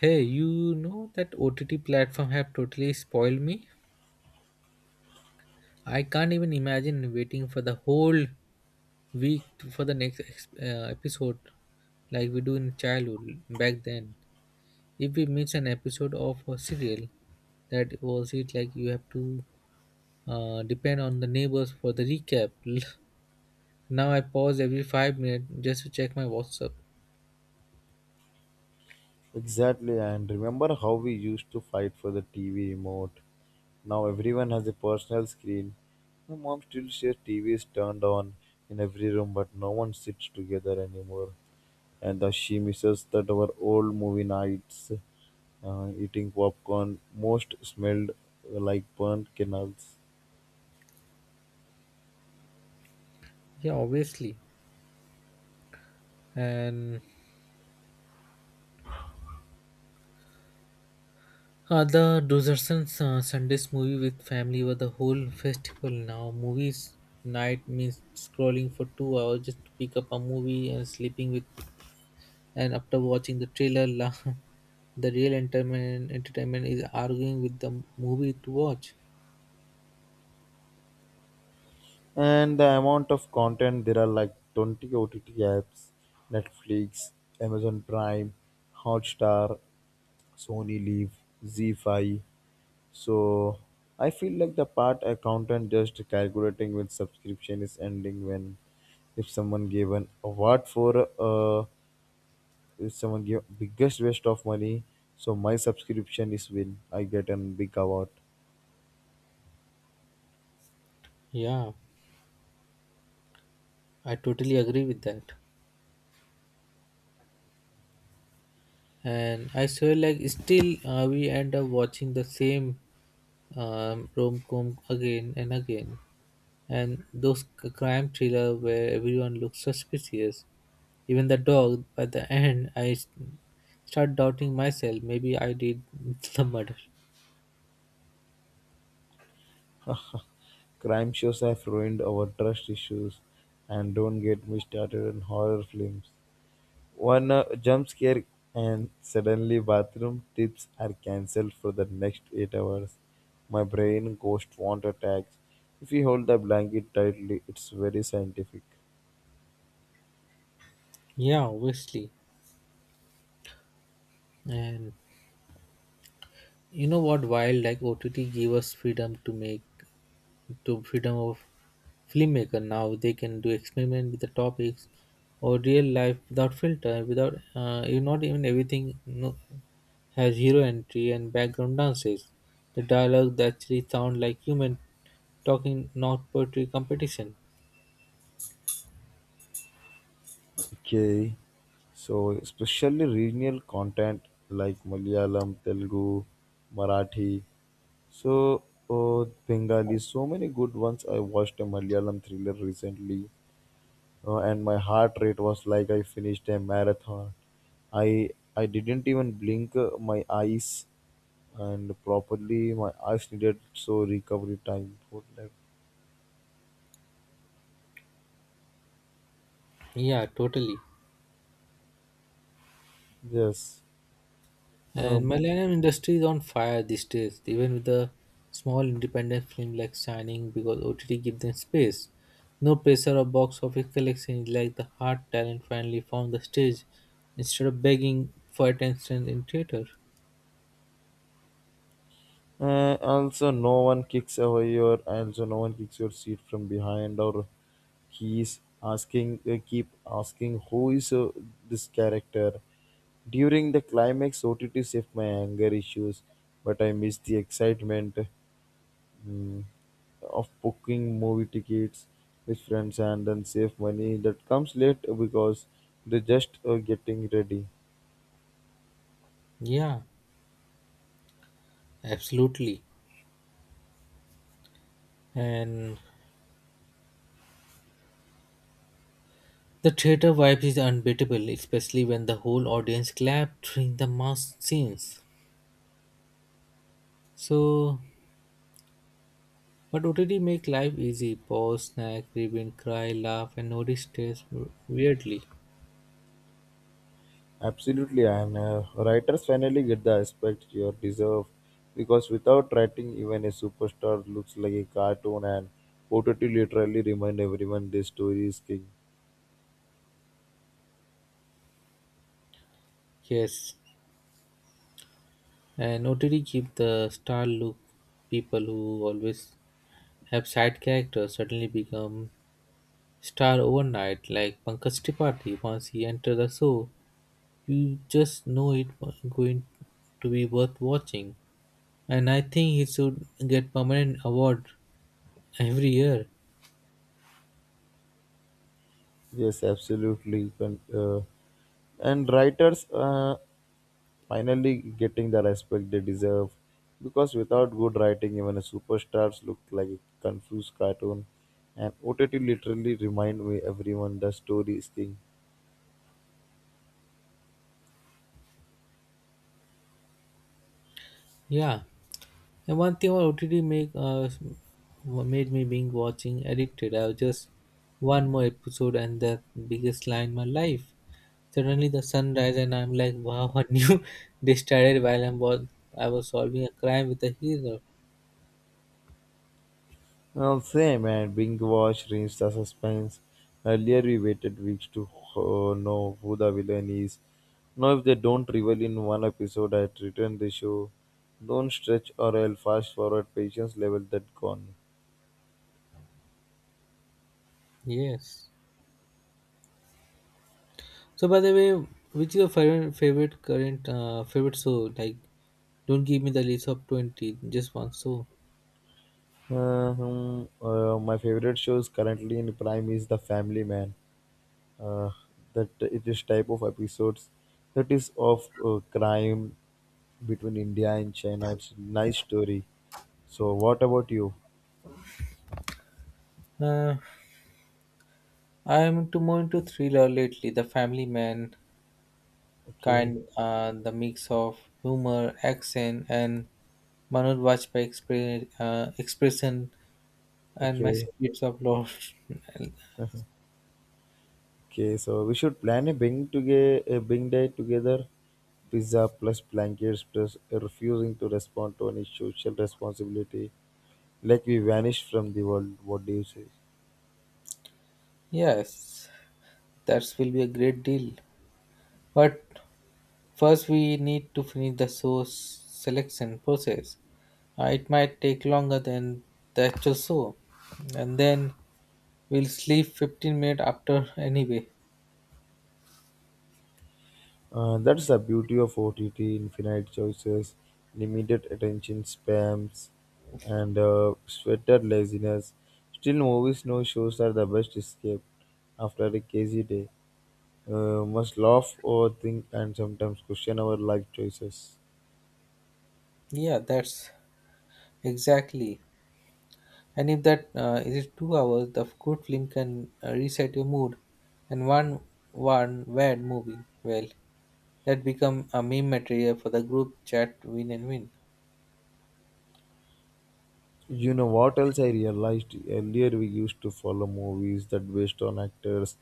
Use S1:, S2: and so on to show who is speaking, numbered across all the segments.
S1: Hey, you know that OTT platform have totally spoiled me. I can't even imagine waiting for the whole week to- for the next ex- episode like we do in childhood back then. If we miss an episode of a serial, that was it, like you have to depend on the neighbors for the recap. Now I pause every 5 minutes just to check my WhatsApp.
S2: Exactly, and remember how we used to fight for the TV remote? Now everyone has a personal screen. My mom still says TV is turned on in every room, but no one sits together anymore. And thus she misses that our old movie nights, eating popcorn, most smelled like burnt canals.
S1: Yeah, obviously. And The Dozerson Sundays movie with family were the whole festival. Now movies night means scrolling for 2 hours just to pick up a movie and and after watching the trailer. The real entertainment is arguing with the movie to watch.
S2: And the amount of content, there are like 20 ott apps, netflix, amazon prime, hotstar, sony live, z5. So I feel like the part accountant, just calculating when subscription is ending. When if someone gave an award for if someone gave biggest waste of money, so my subscription is win, I get a big award.
S1: Yeah, I totally agree with that. And I swear, like, still we end up watching the same rom com again and again. And those crime thriller where everyone looks suspicious, even the dog. By the end, start doubting myself, maybe I did the murder.
S2: Crime shows have ruined our trust issues, and don't get me started on horror films. One jump scare and suddenly bathroom tips are cancelled for the next 8 hours. My brain ghost want attacks. If you hold the blanket tightly, it's very scientific.
S1: Yeah, obviously. And you know what, while like OTT give us freedom to make to freedom of filmmaker, now they can do experiment with the topics or real life without filter, without you not even everything no has hero entry and background dances. The dialogue actually sound like human talking, not poetry competition.
S2: Okay. So, especially regional content like Malayalam, Telugu, Marathi. So, oh, Bengali, so many good ones. I watched a Malayalam thriller recently, and my heart rate was like I finished a marathon. I didn't even blink my eyes, and properly my eyes needed so recovery time for that.
S1: Yeah, totally.
S2: Yes, uh,
S1: And Malayalam industry is on fire these days, even with the small independent film like Shining, because OTT give them space. No pressure of box office collection, is like the hard talent finally found the stage instead of begging for attention in theater.
S2: also, no one kicks away your. Also, no one kicks your seat from behind, or he's asking. Keep asking who is this character. During the climax, OTT saved my anger issues, but I missed the excitement, mm, of booking movie tickets with friends, and then save money that comes late because they're just getting ready.
S1: Yeah, absolutely. And the theater vibe is unbeatable, especially when the whole audience clapped during the mass scenes. So, but OTT make life easy. Pause, snack, rewind, cry, laugh, and notice stress weirdly.
S2: Absolutely, and writers finally get the respect you deserve, because without writing, even a superstar looks like a cartoon, and Potati literally remind everyone this story is king.
S1: Yes, and OTT keep the star look. People who always have side characters suddenly become star overnight, like Pankaj Tripathi. Once he entered the show, you just know it was going to be worth watching. And I think he should get permanent award every year.
S2: Yes, absolutely. And writers finally getting the respect they deserve, because without good writing, even a superstars look like a confused cartoon, and OTT literally remind me everyone the story is king.
S1: Yeah, and one thing about OTT make made me being watching addicted. I was just one more episode, and the biggest line in my life. Suddenly the sun rise and I'm like, wow, a new day started while I was solving a crime with a hero.
S2: Well, same, and Bing Watch rings the suspense. Earlier, we waited weeks to know who the villain is. Now, if they don't reveal in one episode, I return the show. Don't stretch or I'll fast forward patience level that gone.
S1: Yes. So by the way, which is your favorite show? Like, don't give me the list of 20, just one show.
S2: My favorite shows currently in prime is The Family Man. Uh, that it is type of episodes that is of crime between India and China. It's a nice story. So, what about you?
S1: Uh, I am too more into thriller lately. The Family Man
S2: Okay,
S1: kind, the mix of humor, action, and Manoj Bajpayee expression, and my
S2: okay,
S1: secrets of love.
S2: okay. So we should plan a a bing day together. Pizza plus blankets plus refusing to respond to any social responsibility, like we vanished from the world. What do you say?
S1: Yes, that will be a great deal. But first, we need to finish the source selection process. It might take longer than the actual show, and then we'll sleep 15 minutes after anyway.
S2: That's the beauty of OTT: infinite choices, limited attention spams, and sweater laziness. Still, movies, no shows are the best escape after a crazy day. Must laugh, overthink, and sometimes question our life choices.
S1: Yeah, that's exactly. And if that is it 2 hours, the good film can reset your mood. And one bad movie, well, that become a meme material for the group chat, win and win.
S2: You know what else I realized earlier? We used to follow movies that based on actors.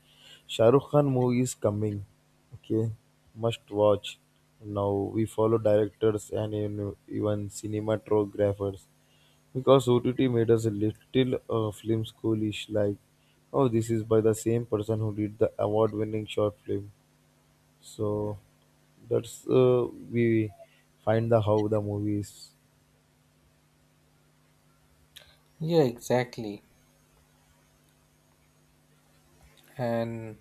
S2: Shah Rukh Khan movie is coming, okay, must watch. Now we follow directors and even cinematographers, because OTT made us a little film schoolish like, oh, this is by the same person who did the award-winning short film. So that's we find the how the movies.
S1: Yeah, exactly. And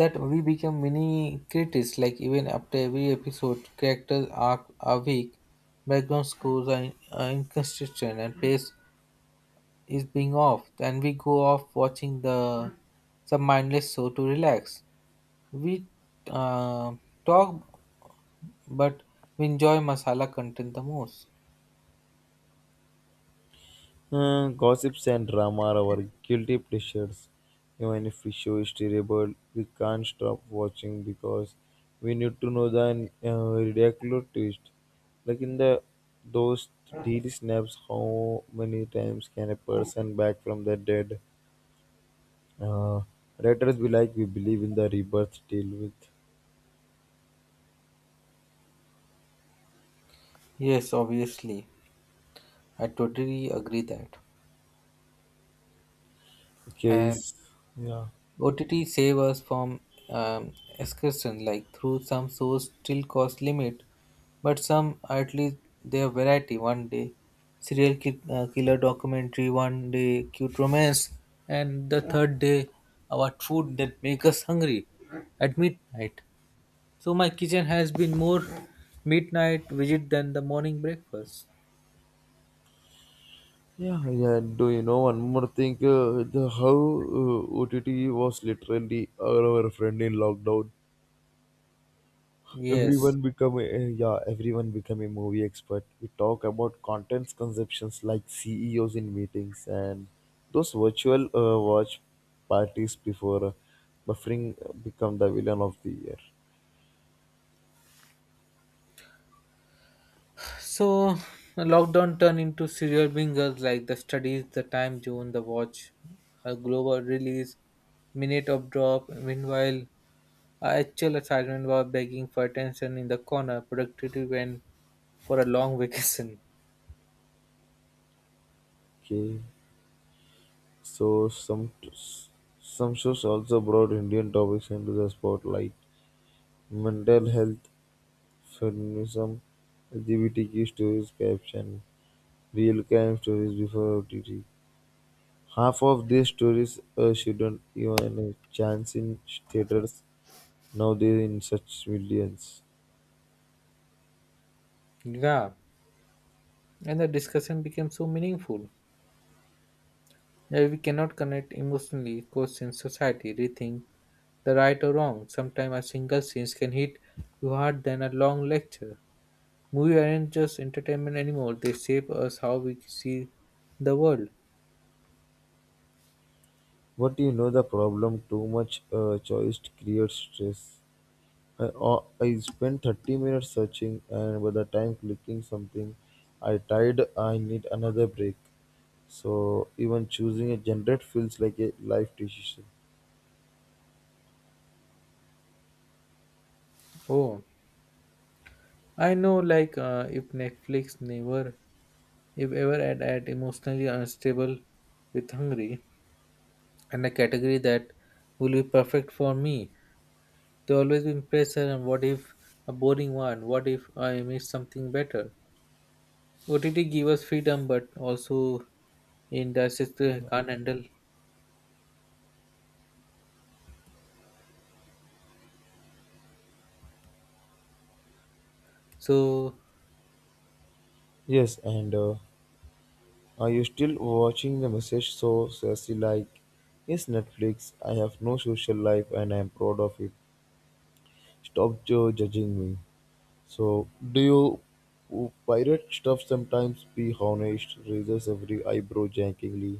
S1: that we become mini critics, like even after every episode, characters are weak, background scores are inconsistent, and pace is being off. And we go off watching the some mindless show to relax. We uh, talk, but we enjoy masala content the most.
S2: Gossips and drama are our guilty pleasures, even if we show is terrible, we can't stop watching because we need to know the ridiculous twist, like in the those daily snaps, how many times can a person back from the dead. uh, Writers be like, we believe in the rebirth deal with
S1: Yes, obviously. I totally agree that. And
S2: case. Yeah.
S1: OTT save us from excursion, like through some shows still cost limit, but some at least their variety. One day, serial killer documentary. One day, cute romance, and the third day, our food that make us hungry at midnight. So my kitchen has been more midnight visit than the morning breakfast.
S2: Yeah, yeah. And do you know one more thing? The how OTT was literally our friend in lockdown.
S1: Yes.
S2: Everyone become a movie expert. We talk about contents conceptions like CEOs in meetings, and those virtual watch parties before buffering become the villain of the year.
S1: So lockdown turned into serial bingers, like the studies, the time zone, the watch, a global release, minute of drop. Meanwhile, our actual assignment was begging for attention in the corner. Productivity went for a long vacation.
S2: Okay, so some shows also brought Indian topics into the spotlight. Mental health, Feminism, LGBTQ stories, caption "Real crime stories before OTT". Half of these stories shouldn't even a chance in theaters nowadays in such millions.
S1: Yeah. And the discussion became so meaningful. Yeah, we cannot connect emotionally, question society, rethink the right or wrong. Sometimes a single scene can hit you hard than a long lecture. Movies aren't just entertainment anymore; they shape us how we see the world.
S2: But you know the problem, too much choice creates stress. I spent 30 minutes searching, and by the time clicking something, I tired, I need another break. So even choosing a genre feels like a life decision.
S1: Oh, I know. Like if Netflix never, if ever add emotionally unstable with hungry, and a category, that will be perfect for me. They always been pressure, and what if a boring one? What if I miss something better? OTT give us freedom, but also in the system can't handle. So
S2: Yes, and are you still watching the message so sassy like? Yes, Netflix. I have no social life and I am proud of it. Stop judging me. So, do you pirate stuff sometimes? Be honest, raises every eyebrow jankingly.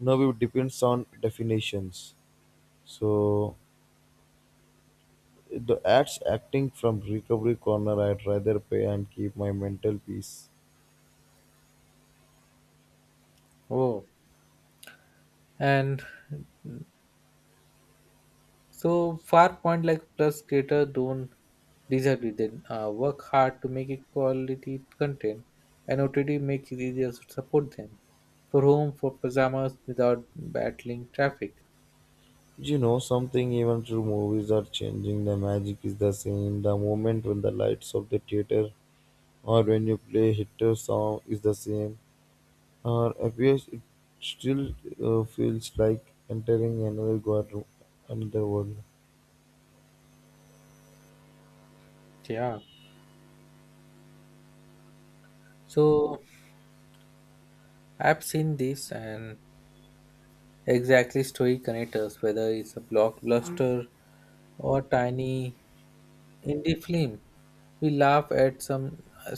S2: Now it depends on definitions. So, the ads acting from recovery corner, I'd rather pay and keep my mental peace.
S1: oh, and so far point like plus creator don't disagree. They work hard to make it quality content, and OTT make it easier to support them for home for pajamas without battling traffic.
S2: You know something, even through movies are changing, the magic is the same. The moment when the lights of the theater or when you play hit a song is the same or appears, it still feels like entering another god, another world.
S1: Yeah. So I've seen this, and exactly story connectors, whether it's a blockbuster or tiny Indie film. We laugh at some uh,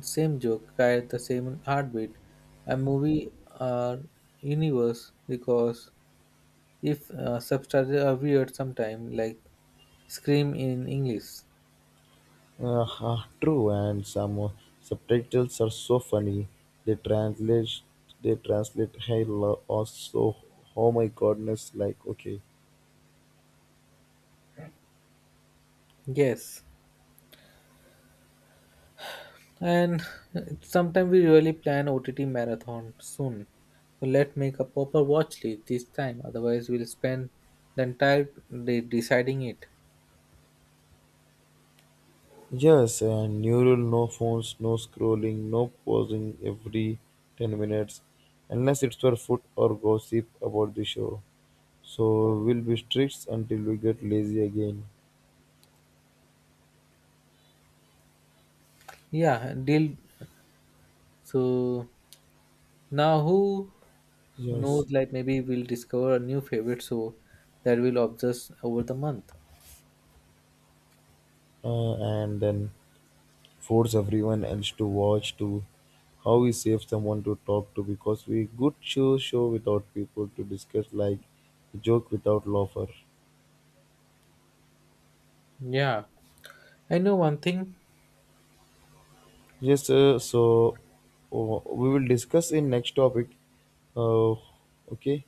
S1: same joke, cry at the same heartbeat. A movie or universe, because if subtitles are weird sometimes, like Scream in English.
S2: True, and some subtitles are so funny. They translate, they translate, "Hey, lo- oh, so oh my goodness!" Like okay.
S1: Yes, and sometime we really plan OTT marathon soon. So let's make a proper watch list this time. Otherwise, we'll spend the entire day deciding it.
S2: Yes, and new rule, no phones, no scrolling, no pausing every 10 minutes, unless it's for food or gossip about the show. So we'll be strict until we get lazy again.
S1: Yeah, deal. So now, who
S2: Yes,
S1: knows, like maybe we'll discover a new favorite show that we'll obsess over the month.
S2: and then force everyone else to watch, to how we save someone to talk to, because we good show without people to discuss, like joke without laughter.
S1: Yeah, I know one thing.
S2: Yes, so we will discuss in next topic. Uh, okay.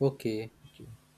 S1: Okay,
S2: Okay.